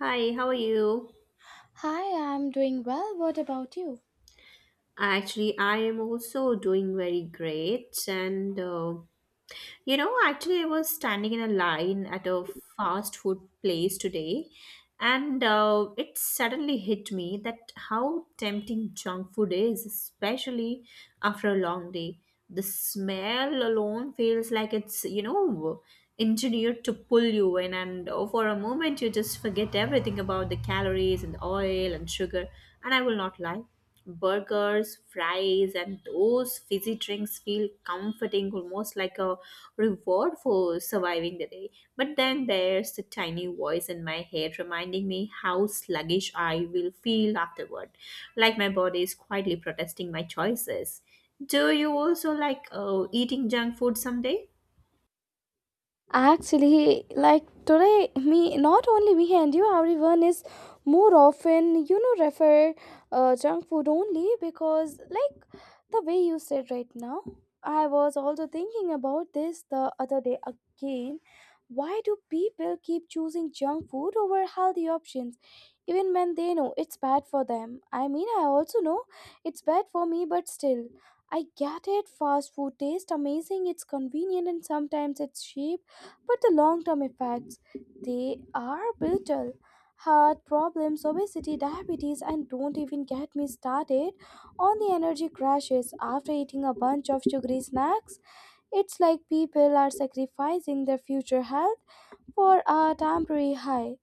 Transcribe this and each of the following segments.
Hi, how are you? Hi, I'm doing well. What about you? Actually, I am also doing very great. And, actually, I was standing in a line at a fast food place today, and it suddenly hit me that how tempting junk food is, especially after a long day. The smell alone feels like it's engineered to pull you in. And oh, for a moment you just forget everything about the calories and oil and sugar, and I will not lie, burgers, fries, and those fizzy drinks feel comforting, almost like a reward for surviving the day. But then there's the tiny voice in my head reminding me how sluggish I will feel afterward, like my body is quietly protesting my choices. Do you also like eating junk food someday? Actually, like today, me not only me and you, everyone is more often refer junk food only because like the way you said right now, I was also thinking about this the other day again. Why do people keep choosing junk food over healthy options, even when they know it's bad for them? I mean, I also know it's bad for me, but still, I get it. Fast food tastes amazing, it's convenient, and sometimes it's cheap but the long term effects, they are brutal. Heart problems, obesity, diabetes, and don't even get me started on the energy crashes after eating a bunch of sugary snacks. It's like people are sacrificing their future health for a temporary high.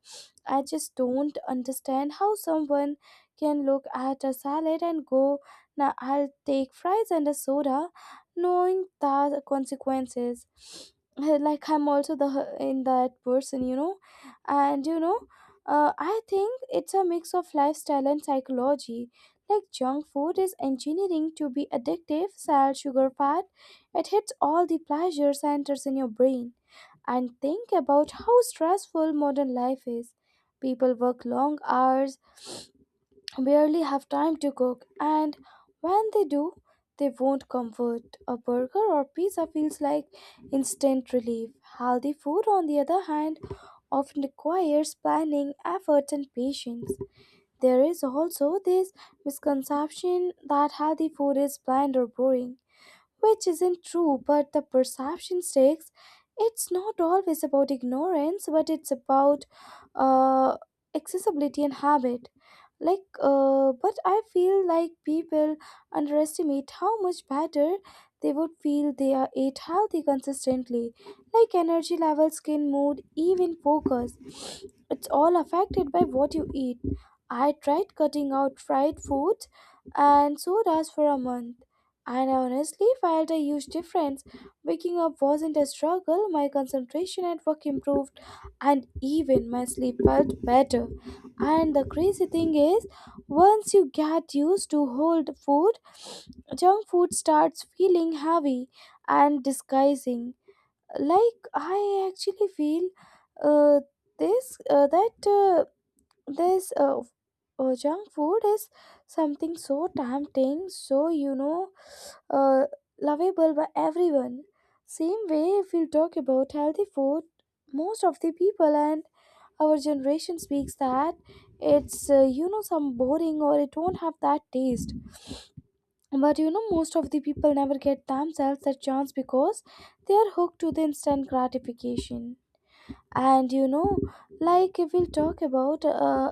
I just don't understand how someone can look at a salad and go, now I'll take fries and a soda, knowing the consequences. Like I'm also the in that person, and you know, I think it's a mix of lifestyle and psychology. Like junk food is engineering to be addictive, salt, sugar, fat. It hits all the pleasure centers in your brain and think about how stressful modern life is. People work long hours, barely have time to cook, and when they do, they want comfort. A burger or pizza feels like instant relief. Healthy food, on the other hand, often requires planning, effort, and patience. There is also this misconception that healthy food is bland or boring which isn't true, but the perception sticks. It's not always about ignorance, but it's about uh, accessibility and habit. But I feel like people underestimate how much better they would feel they are ate healthy consistently. Like energy levels, skin, mood, even focus. It's all affected by what you eat. I tried cutting out fried foods and sodas for a month and I honestly felt a huge difference. Waking up wasn't a struggle, my concentration at work improved, and even my sleep felt better. And the crazy thing is, once you get used to hold food, junk food starts feeling heavy and disguising. Like I actually feel uh, this that this junk food is something so tempting, so uh, lovable by everyone. Same way, if we talk about healthy food, most of the people and our generation speaks that it's some boring or it won't have that taste. But you know, most of the people never get themselves that chance because they are hooked to the instant gratification and you know like we'll talk about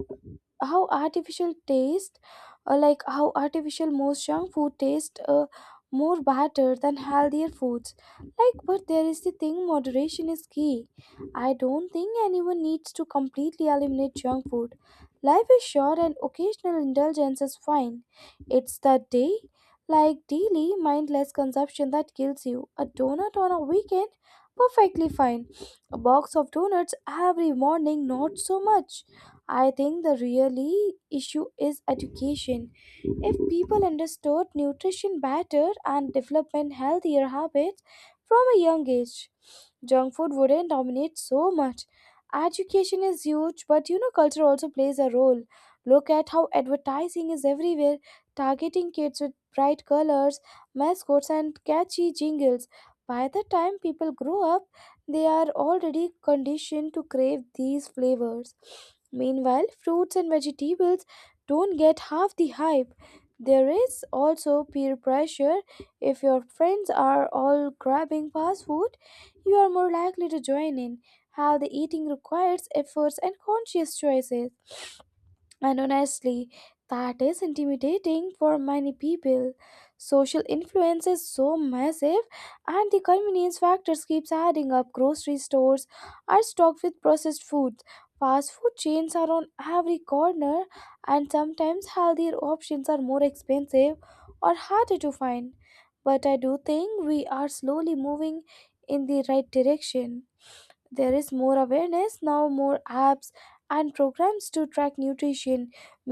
how artificial taste like how artificial most junk food taste more better than healthier foods like but there is the thing moderation is key. I don't think anyone needs to completely eliminate junk food. Life is short and occasional indulgence is fine. It's the day Like daily mindless consumption that kills you. A donut on a weekend, perfectly fine. A box of donuts every morning, not so much. I think the really issue is education. If people understood nutrition better and development healthier habits from a young age, junk food wouldn't dominate so much. Education is huge, but you know, culture also plays a role. Look at how advertising is everywhere, targeting kids with bright colors, mascots, and catchy jingles. By the time people grow up, they are already conditioned to crave these flavors. Meanwhile, fruits and vegetables don't get half the hype. There is also peer pressure. If your friends are all grabbing fast food, you are more likely to join in. Healthy eating requires efforts and conscious choices. And honestly, that is intimidating for many people. Social influence is so massive, and the convenience factors keeps adding up. Grocery stores are stocked with processed foods. Fast food chains are on every corner, and sometimes healthier options are more expensive or harder to find. But I do think we are slowly moving in the right direction. There is more awareness now, more apps and programs to track nutrition.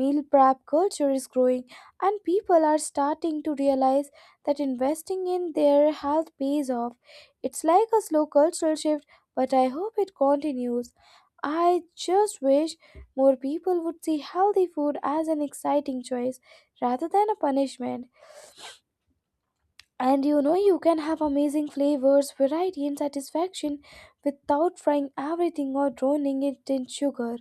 Meal prep culture is growing, and people are starting to realize that investing in their health pays off. It's like a slow cultural shift, but I hope it continues. I just wish more people would see healthy food as an exciting choice rather than a punishment. And you know, you can have amazing flavors, variety, and satisfaction without frying everything or drowning it in sugar.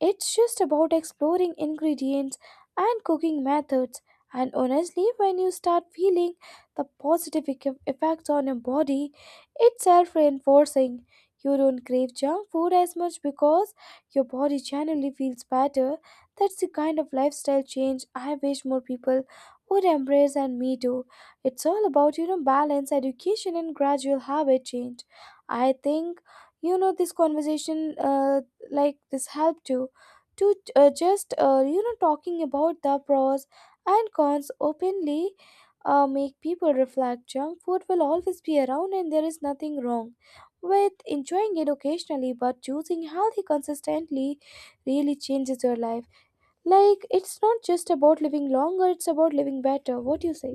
It's just about exploring ingredients and cooking methods. And honestly, when you start feeling the positive effects on your body, it's self reinforcing. You don't crave junk food as much because your body generally feels better. That's the kind of lifestyle change I wish more people would embrace, and me too. It's all about, you know, balance, education, and gradual habit change. I think, you know, this conversation, like this, helped too to just you know talking about the pros and cons openly. Make people reflect. Junk food will always be around and there is nothing wrong with enjoying it occasionally, but choosing healthy consistently really changes your life. Like, it's not just about living longer, it's about living better. What do you say?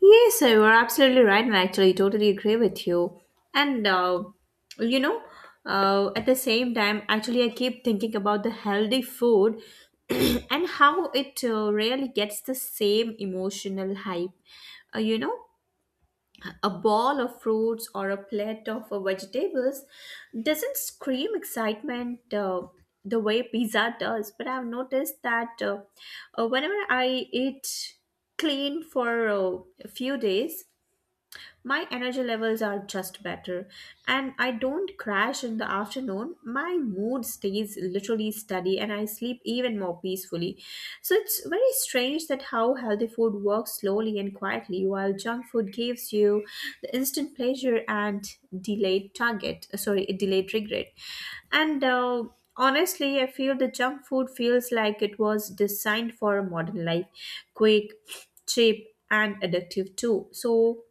Yes, you are absolutely right, and I actually totally agree with you. And uh, you know, at the same time, actually, I keep thinking about the healthy food and how it really gets the same emotional hype. Uh, you know, A ball of fruits or a plate of vegetables doesn't scream excitement the way pizza does. But I've noticed that whenever I eat clean for a few days, my energy levels are just better and I don't crash in the afternoon. My mood stays literally steady and I sleep even more peacefully. So it's very strange that how healthy food works slowly and quietly while junk food gives you the instant pleasure and delayed regret. And honestly, I feel the junk food feels like it was designed for a modern life, quick, cheap, and addictive too. So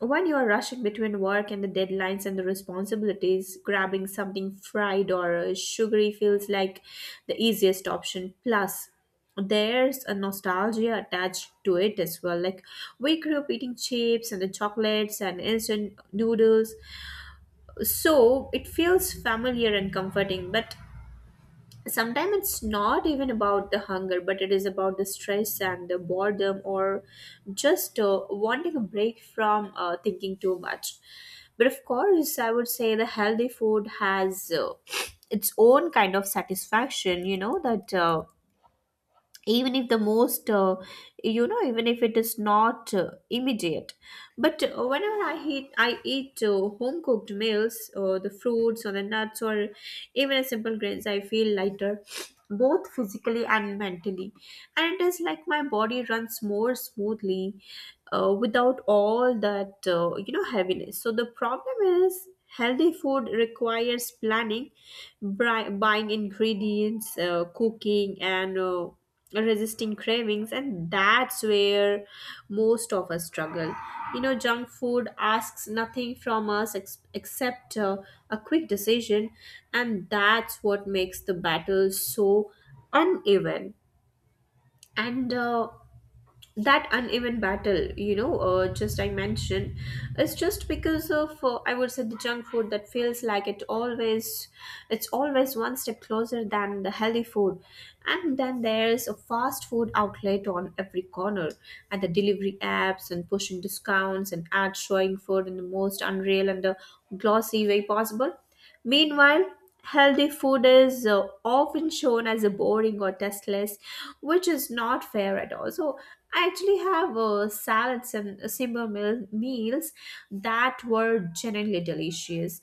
when you are rushing between work and the deadlines and the responsibilities, grabbing something fried or sugary feels like the easiest option. Plus, there's a nostalgia attached to it as well. Like, we grew up eating chips and the chocolates and instant noodles, so it feels familiar and comforting. But sometimes it's not even about the hunger but it is about the stress and the boredom or just wanting a break from thinking too much. But of course, I would say the healthy food has its own kind of satisfaction, that even if the most even if it is not immediate, but whenever I eat home cooked meals or the fruits or the nuts or even a simple grains, I feel lighter, both physically and mentally. And it is like my body runs more smoothly without all that heaviness. So the problem is, healthy food requires planning, buying ingredients, cooking, and resisting cravings, and that's where most of us struggle. You know, junk food asks nothing from us except a quick decision, and that's what makes the battle so uneven. And that uneven battle, just I mentioned, is just because of, I would say, the junk food that feels like it's always one step closer than the healthy food. And then there's a fast food outlet on every corner, and the delivery apps and pushing discounts, and ads showing food in the most unreal and the glossy way possible. Meanwhile, healthy food is often shown as a boring or tasteless, which is not fair at all. So I actually have salads and simple meals that were genuinely delicious,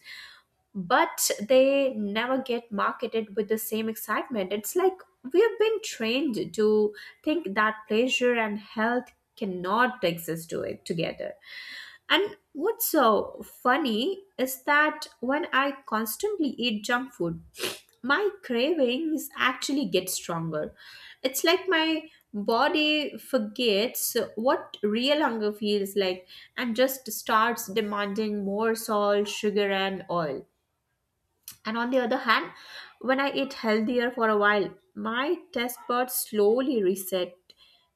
but they never get marketed with the same excitement. It's like we have been trained to think that pleasure and health cannot exist to it together. And what's so funny is that when I constantly eat junk food, my cravings actually get stronger. It's like my body forgets what real hunger feels like and just starts demanding more salt, sugar, and oil. And on the other hand, when I eat healthier for a while, my taste buds slowly reset.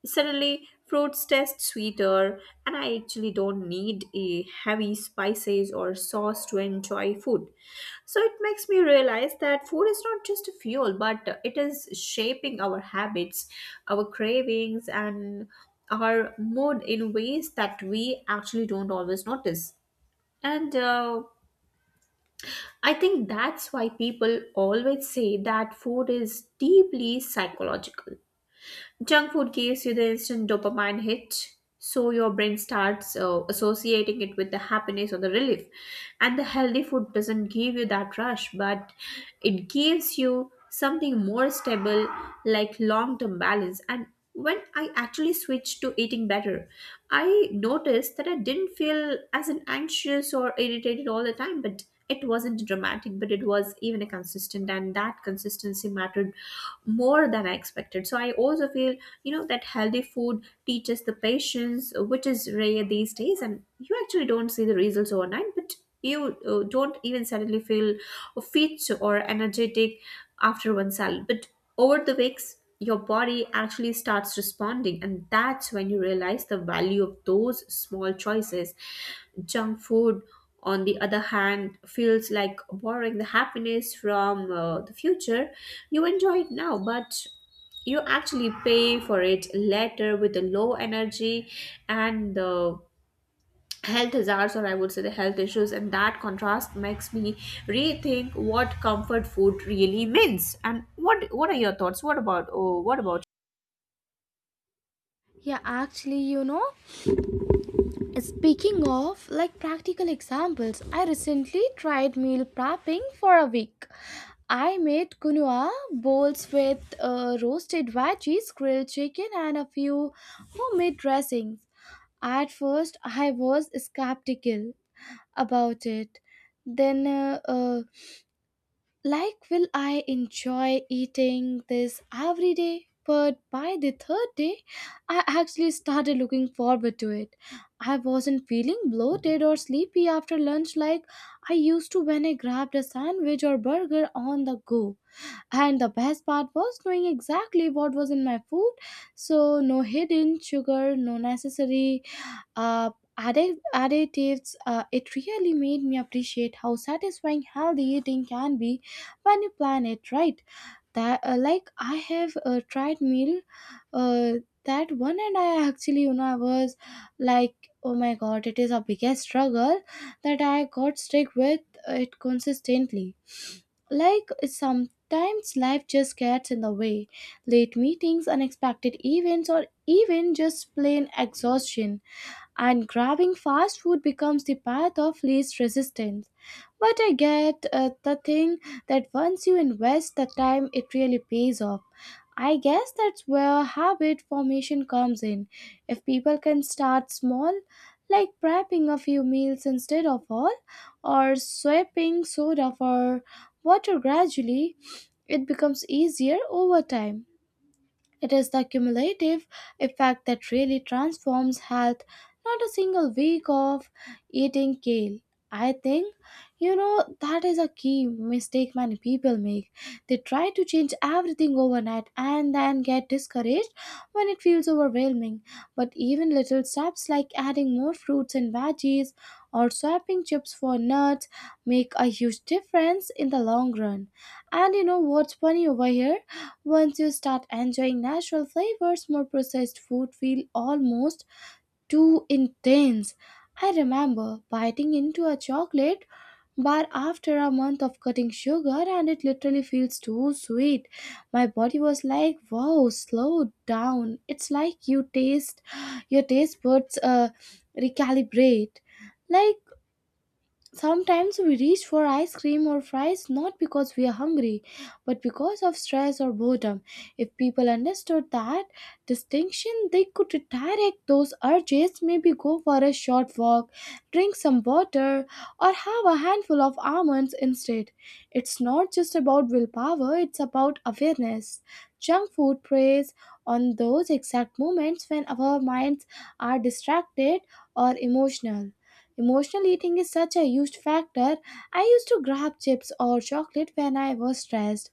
Suddenly, fruits taste sweeter, and I actually don't need a heavy spices or sauce to enjoy food. So it makes me realize that food is not just a fuel, but it is shaping our habits, our cravings, and our mood in ways that we actually don't always notice. And I think that's why people always say that food is deeply psychological. Junk food gives you the instant dopamine hit, so your brain starts associating it with the happiness or the relief. And the healthy food doesn't give you that rush, but it gives you something more stable, like long term balance. And when I actually switched to eating better, I noticed that I didn't feel as an anxious or irritated all the time, but it wasn't dramatic, but it was even a consistent, and that consistency mattered more than I expected. So I also feel, that healthy food teaches the patience, which is rare these days. And you actually don't see the results overnight, but you don't even suddenly feel fit or energetic after one salad. But over the weeks, your body actually starts responding, and that's when you realize the value of those small choices. Junk food, on the other hand, feels like borrowing the happiness from the future. You enjoy it now, but you actually pay for it later with the low energy and the health hazards, or I would say the health issues. And that contrast makes me rethink what comfort food really means. And what are your thoughts? What about, oh, what about. Yeah, actually, you know, speaking of like practical examples, I recently tried meal prepping for a week. I made quinoa bowls with roasted veggies, grilled chicken, and a few homemade dressings. At first, I was skeptical about it. Then, like, will I enjoy eating this every day? But by the third day, I actually started looking forward to it. I wasn't feeling bloated or sleepy after lunch like I used to when I grabbed a sandwich or burger on the go. And the best part was knowing exactly what was in my food. So, no hidden sugar, no necessary uh, additives. It really made me appreciate how satisfying healthy eating can be when you plan it right. That, like, I have tried meal uh, that one, and I actually, you know, I was like, oh my god, it is a biggest struggle that I got stick with it consistently. Like sometimes life just gets in the way. Late meetings, unexpected events, or even just plain exhaustion and grabbing fast food becomes the path of least resistance. But I get the thing that once you invest the time, it really pays off. I guess that's where habit formation comes in. If people can start small, like prepping a few meals instead of all, or swapping soda for water gradually, it becomes easier over time. It is the cumulative effect that really transforms health, not a single week of eating kale. I think, you know, that is a key mistake many people make. They try to change everything overnight and then get discouraged when it feels overwhelming. But even little steps like adding more fruits and veggies or swapping chips for nuts make a huge difference in the long run. And you know what's funny over here? Once you start enjoying natural flavors, more processed food feel almost too intense. I remember biting into a chocolate bar after a month of cutting sugar and it literally feels too sweet. My body was like, "Wow, slow down." It's like your taste buds recalibrate. Like, sometimes we reach for ice cream or fries not because we are hungry, but because of stress or boredom. If people understood that distinction, they could redirect those urges, maybe go for a short walk, drink some water, or have a handful of almonds instead. It's not just about willpower, it's about awareness. Junk food preys on those exact moments when our minds are distracted or emotional. Emotional eating is such a huge factor. I used to grab chips or chocolate when I was stressed,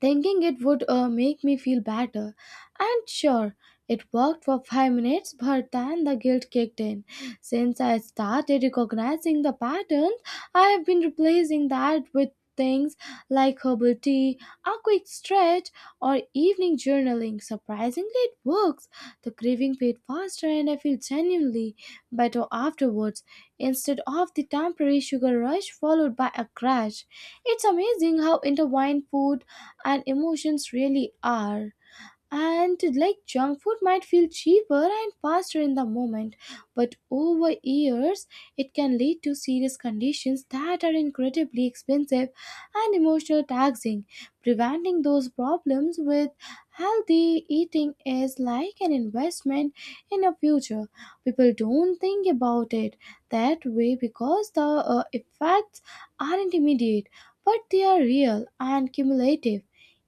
thinking it would make me feel better. And sure, it worked for 5 minutes, but then the guilt kicked in. Since I started recognizing the patterns, I have been replacing that with things like herbal tea, a quick stretch, or evening journaling. Surprisingly, it works. The craving fades faster, and I feel genuinely better afterwards instead of the temporary sugar rush followed by a crash. It's amazing how intertwined food and emotions really are. And like junk food might feel cheaper and faster in the moment, but over years it can lead to serious conditions that are incredibly expensive and emotional taxing. Preventing those problems with healthy eating is like an investment in a future. People don't think about it that way because the effects aren't immediate, but they are real and cumulative.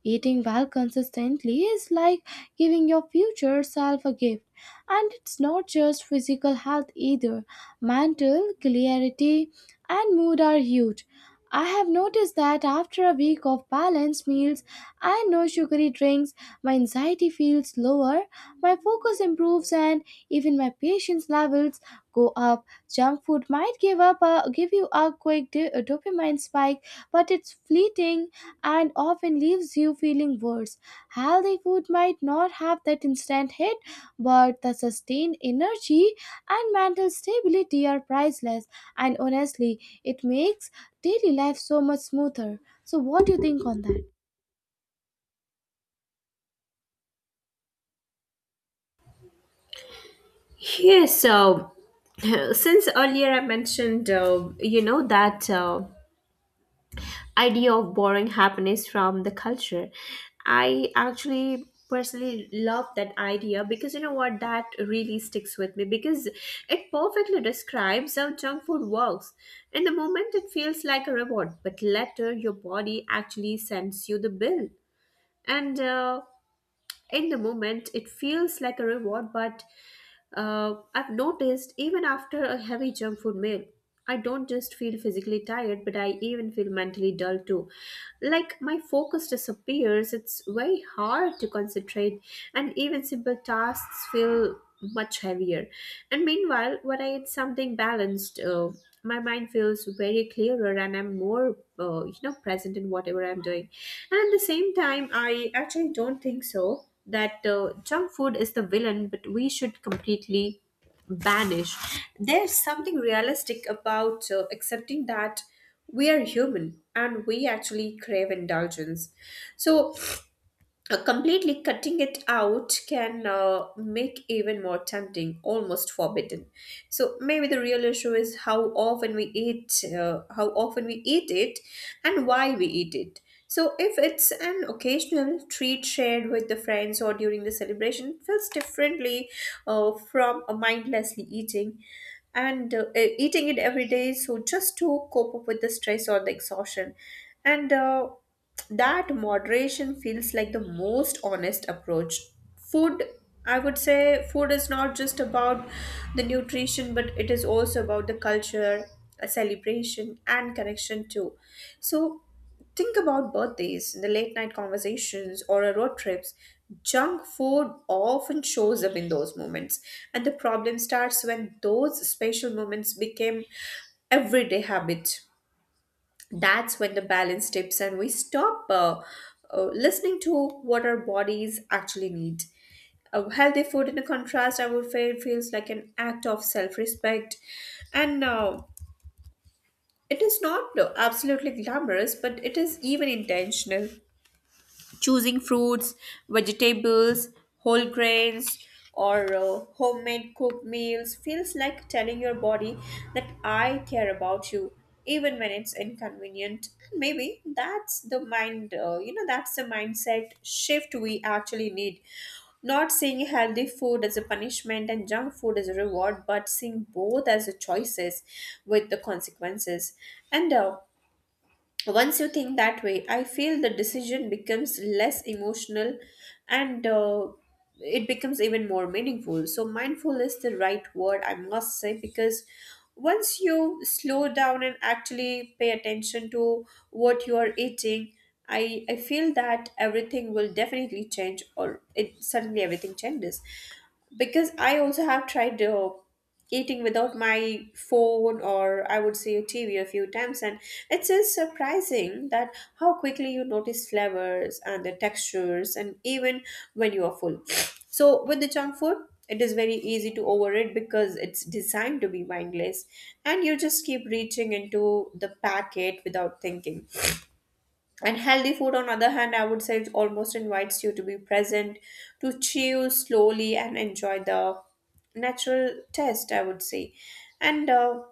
Eating well consistently is like giving your future self a gift. And it's not just physical health either. Mental clarity and mood are huge. I have noticed that after a week of balanced meals and no sugary drinks, my anxiety feels lower, my focus improves, and even my patience levels go up. Junk food might give you a quick dopamine spike, but it's fleeting and often leaves you feeling worse. Healthy food might not have that instant hit, but the sustained energy and mental stability are priceless, and honestly, it makes daily life so much smoother. So, what do you think on that? Yes, so since earlier I mentioned, that idea of borrowing happiness from the culture, I actually personally love that idea, because you know what, that really sticks with me, because it perfectly describes how junk food works in the moment. It feels like a reward, but later your body actually sends you the bill. And in the moment it feels like a reward, but I've noticed even after a heavy junk food meal, I don't just feel physically tired, but I even feel mentally dull too. Like my focus disappears, it's very hard to concentrate, and even simple tasks feel much heavier. And meanwhile, when I eat something balanced, my mind feels very clearer and I'm more, present in whatever I'm doing. And at the same time, I actually don't think so that junk food is the villain, but we should completely banish. There's something realistic about accepting that we are human and we actually crave indulgence. So completely cutting it out can make even more tempting, almost forbidden. So maybe the real issue is how often we eat it and why we eat it. So if it's an occasional treat shared with the friends or during the celebration, it feels differently from a mindlessly eating, and eating it every day so just to cope up with the stress or the exhaustion. And that moderation feels like the most honest approach. Food, I would say, food is not just about the nutrition, but it is also about the culture, a celebration and connection too. So think about birthdays, the late night conversations, or a road trips. Junk food often shows up in those moments, and the problem starts when those special moments became everyday habit. That's when the balance tips and we stop listening to what our bodies actually need. Healthy food, in a contrast, I would say it feels like an act of self respect. And it is not absolutely glamorous, but it is even intentional. Choosing fruits, vegetables, whole grains, or homemade cooked meals feels like telling your body that I care about you, even when it's inconvenient. Maybe that's the mind, you know, that's the mindset shift we actually need. Not seeing healthy food as a punishment and junk food as a reward, but seeing both as a choices with the consequences. And once you think that way, I feel the decision becomes less emotional and it becomes even more meaningful. So mindful is the right word, I must say, because once you slow down and actually pay attention to what you are eating, I feel that everything will definitely change, or it suddenly everything changes. Because I also have tried eating without my phone, or I would say a TV, a few times, and it's just surprising that how quickly you notice flavors and the textures, and even when you are full. So with the junk food, it is very easy to overeat because it's designed to be mindless, and you just keep reaching into the packet without thinking. And healthy food, on other hand, I would say it almost invites you to be present, to chew slowly and enjoy the natural taste, I would say. And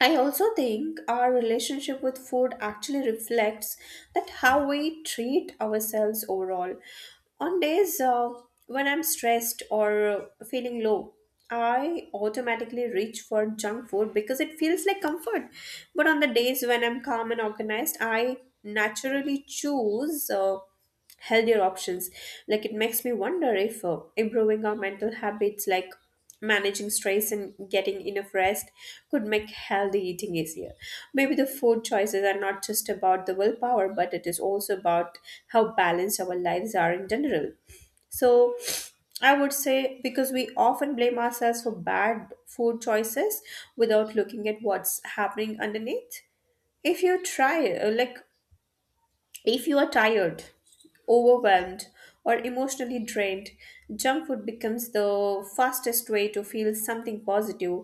I also think our relationship with food actually reflects that how we treat ourselves overall. On days when I'm stressed or feeling low, I automatically reach for junk food because it feels like comfort. But on the days when I'm calm and organized, I naturally choose. Healthier options. Like it makes me wonder if improving our mental habits, like managing stress and getting enough rest, could make healthy eating easier. Maybe the food choices are not just about the willpower, but it is also about how balanced our lives are in general. So I would say because we often blame ourselves for bad food choices without looking at what's happening underneath if you try like if you are tired, overwhelmed, or emotionally drained, junk food becomes the fastest way to feel something positive.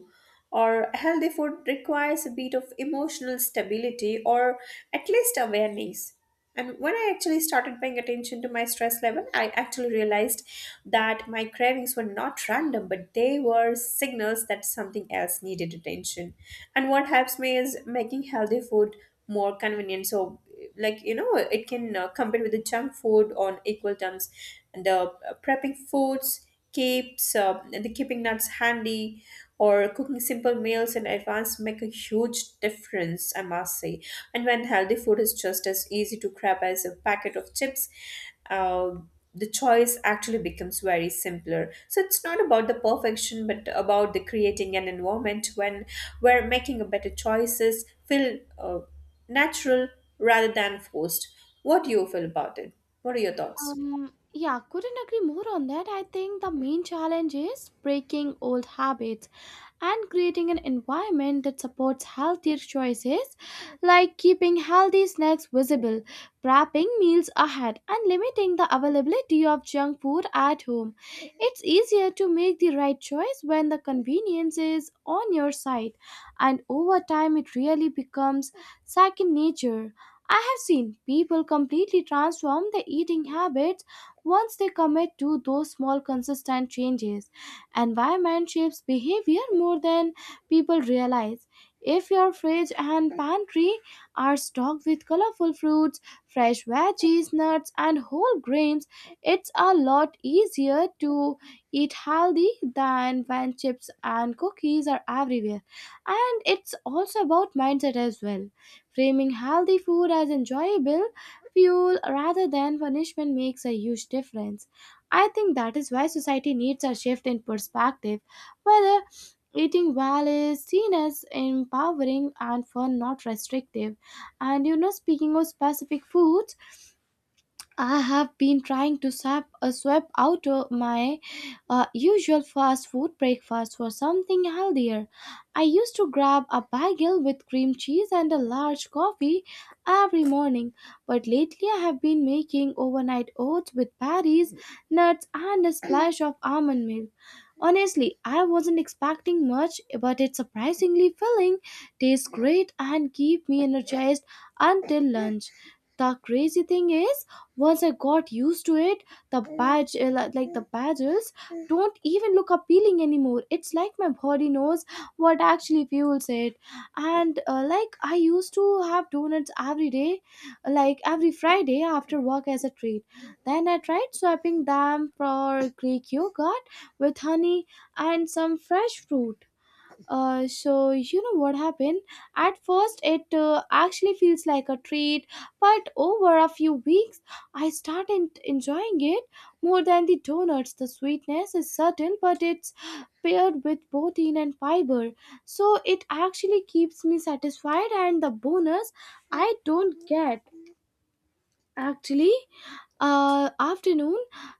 Or healthy food requires a bit of emotional stability or at least awareness. And when I actually started paying attention to my stress level, I actually realized that my cravings were not random, but they were signals that something else needed attention. And what helps me is making healthy food more convenient. So like you know it can compete with the junk food on equal terms and the prepping foods keeps the keeping nuts handy or cooking simple meals in advance make a huge difference I must say and when healthy food is just as easy to grab as a packet of chips uh, the choice actually becomes very simpler so it's not about the perfection but about the creating an environment when where making a better choices feel natural rather than forced. What do you feel about it? What are your thoughts? Yeah, couldn't agree more on that. I think the main challenge is breaking old habits and creating an environment that supports healthier choices, like keeping healthy snacks visible, prepping meals ahead, and limiting the availability of junk food at home. It's easier to make the right choice when the convenience is on your side, and over time, it really becomes second nature. I have seen people completely transform their eating habits once they commit to those small consistent changes. Environment shapes behavior more than people realize. If your fridge and pantry are stocked with colorful fruits, fresh veggies, nuts, and whole grains, it's a lot easier to eat healthy than when chips and cookies are everywhere. And it's also about mindset as well. Framing healthy food as enjoyable fuel rather than punishment makes a huge difference. I think that is why society needs a shift in perspective, whether eating well is seen as empowering and fun, not restrictive. And you know, speaking of specific foods, I have been trying to swap out my usual fast food breakfast for something healthier. I used to grab a bagel with cream cheese and a large coffee every morning, but lately I have been making overnight oats with berries, nuts, and a splash of almond milk. Honestly, I wasn't expecting much, but it's surprisingly filling, tastes great, and keep me energized until lunch. The crazy thing is, once I got used to it the like the badges don't even look appealing anymore. It's like my body knows what actually fuels it. And like I used to have donuts every day, like every friday after work as a treat. Then I tried swapping them for greek yogurt with honey and some fresh fruit. So you know what happened? At first it actually feels like a treat, but over a few weeks I started enjoying it more than the donuts. The sweetness is subtle but it's paired with protein and fiber, so it actually keeps me satisfied. And the bonus, I don't get actually afternoon,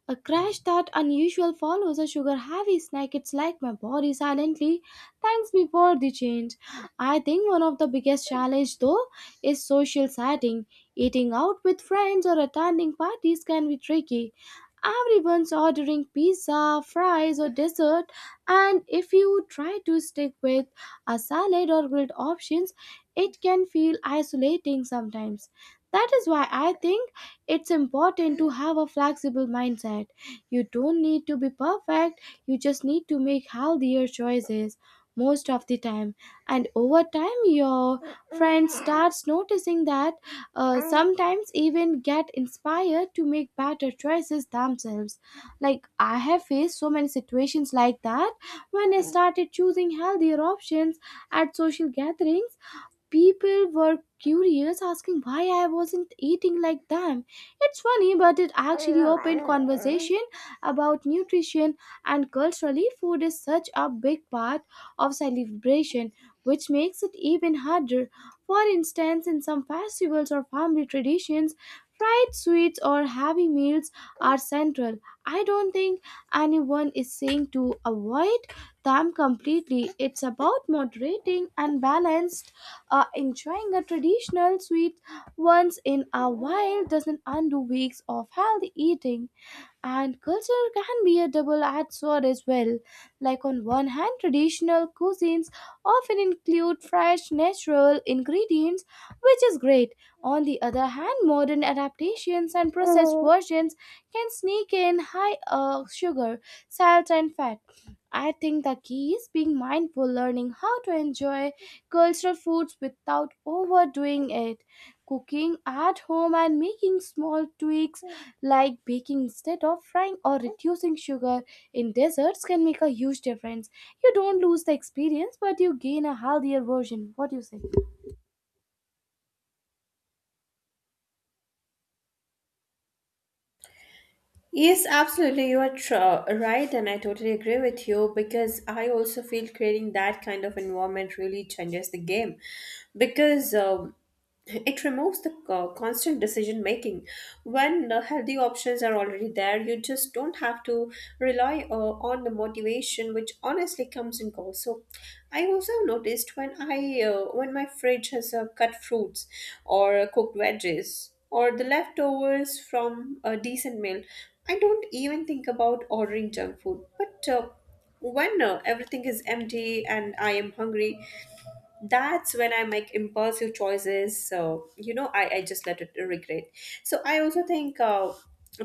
a crash that unusual follows a sugar heavy snack. It's like my body silently thanks me for the change. I think one of the biggest challenge though is social setting. Eating out with friends or attending parties can be tricky. Everyone's ordering pizza, fries, or dessert, and if you try to stick with a salad or grilled options, it can feel isolating sometimes. That is why I think it's important to have a flexible mindset. You don't need to be perfect, you just need to make healthier choices most of the time. And over time, your friend starts noticing that, sometimes even get inspired to make better choices themselves. Like I have faced so many situations like that. When I started choosing healthier options at social gatherings, people were curious, asking why I wasn't eating like them. It's funny, but it actually opened conversation about nutrition. And culturally, food is such a big part of celebration, which makes it even harder. For instance, in some festivals or family traditions, fried sweets or heavy meals are central. I don't think anyone is saying to avoid them completely. It's about moderating and balance. Enjoying a traditional sweet once in a while doesn't undo weeks of healthy eating. And culture can be a double-edged sword as well. Like on one hand, traditional cuisines often include fresh natural ingredients, which is great. On the other hand, modern adaptations and processed versions can sneak in high sugar, salt, and fat. I think the key is being mindful, learning how to enjoy cultural foods without overdoing it. Cooking at home and making small tweaks like baking instead of frying or reducing sugar in desserts can make a huge difference. You don't lose the experience, but you gain a healthier version. What do you say? Yes, absolutely. You are right, and I totally agree with you because I also feel creating that kind of environment really changes the game. Because it removes the constant decision making. When healthy options are already there, you just don't have to rely on the motivation, which honestly comes and goes. So, I also noticed when I when my fridge has cut fruits or cooked veggies or the leftovers from a decent meal, I don't even think about ordering junk food. But when everything is empty and I am hungry, that's when I make impulsive choices so you know I just let it regret. So I also think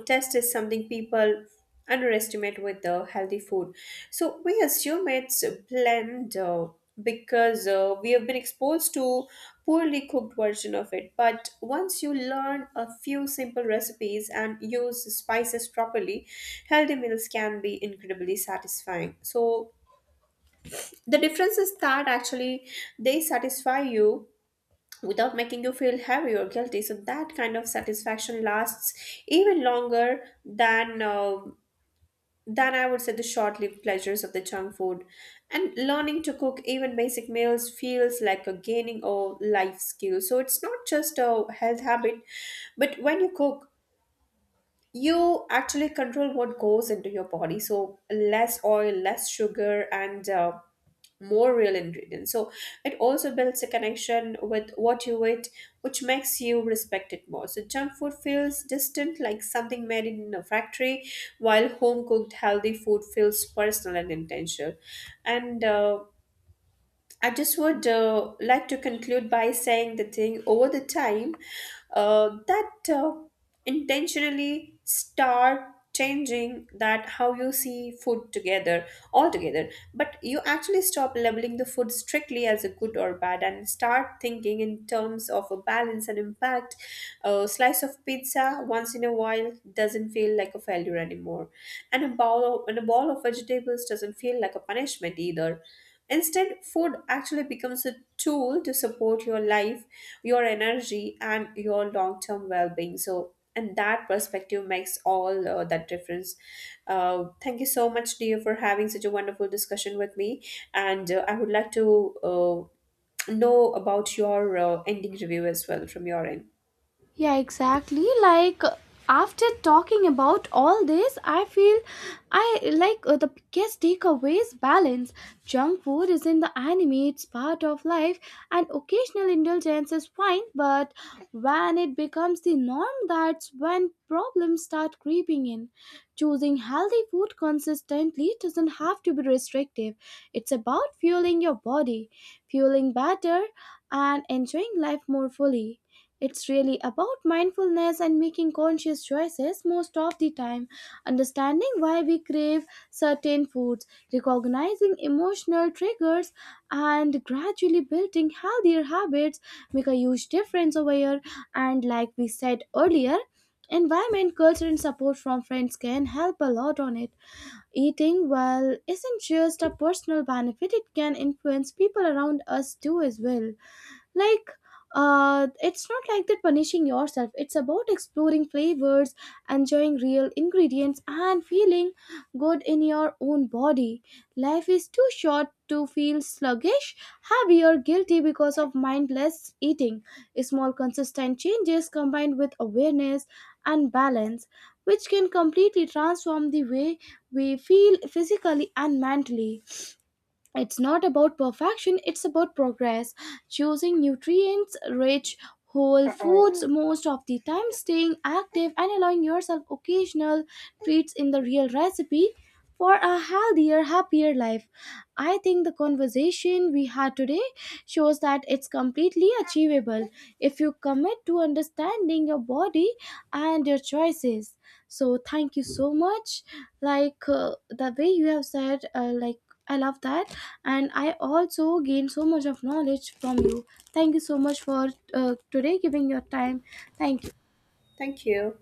test is something people underestimate with the healthy food, so we assume it's bland because we have been exposed to poorly cooked version of it, but once you learn a few simple recipes and use spices properly healthy meals can be incredibly satisfying. So the difference is that actually they satisfy you without making you feel heavy or guilty. So that kind of satisfaction lasts even longer than I would say the short-lived pleasures of the junk food. And learning to cook even basic meals feels like a gaining a life skill. So it's not just a health habit, but when you cook you actually control what goes into your body, so less oil, less sugar, and more real ingredients. So it also builds a connection with what you eat, which makes you respect it more. So junk food feels distant, like something made in a factory, while home cooked healthy food feels personal and intentional. And I just would like to conclude by saying the thing over the time that intentionally start changing that how you see food together altogether, but you actually stop labeling the food strictly as a good or bad and start thinking in terms of a balance and impact. A slice of pizza once in a while doesn't feel like a failure anymore, and and a bowl of vegetables doesn't feel like a punishment either. Instead, food actually becomes a tool to support your life, your energy, and your long term well being. So, and that perspective makes all that difference. Thank you so much, dear, for having such a wonderful discussion with me. And I would like to know about your ending review as well from your end. Yeah, exactly. Like after talking about all this, I feel I like the biggest takeaway is balance. Junk food is in the anime, it's part of life, and occasional indulgence is fine, but when it becomes the norm, that's when problems start creeping in. Choosing healthy food consistently doesn't have to be restrictive. It's about fueling your body, fueling better, and enjoying life more fully. It's really about mindfulness and making conscious choices most of the time, understanding why we crave certain foods, recognizing emotional triggers, and gradually building healthier habits make a huge difference over here. And like we said earlier, environment, culture, and support from friends can help a lot on it. Eating well isn't just a personal benefit, it can influence people around us too as well. Like it's not like that punishing yourself, it's about exploring flavors, enjoying real ingredients and feeling good in your own body. Life is too short to feel sluggish, heavy or guilty because of mindless eating. Small consistent changes combined with awareness and balance, which can completely transform the way we feel physically and mentally. It's not about perfection, it's about progress. Choosing nutrients rich whole foods most of the time, staying active, and allowing yourself occasional treats in the real recipe for a healthier, happier life. I think the conversation we had today shows that it's completely achievable if you commit to understanding your body and your choices. So, thank you so much. Like the way you have said, like, I love that, and I also gained so much of knowledge from you. Thank you so much for today giving your time. Thank you. Thank you.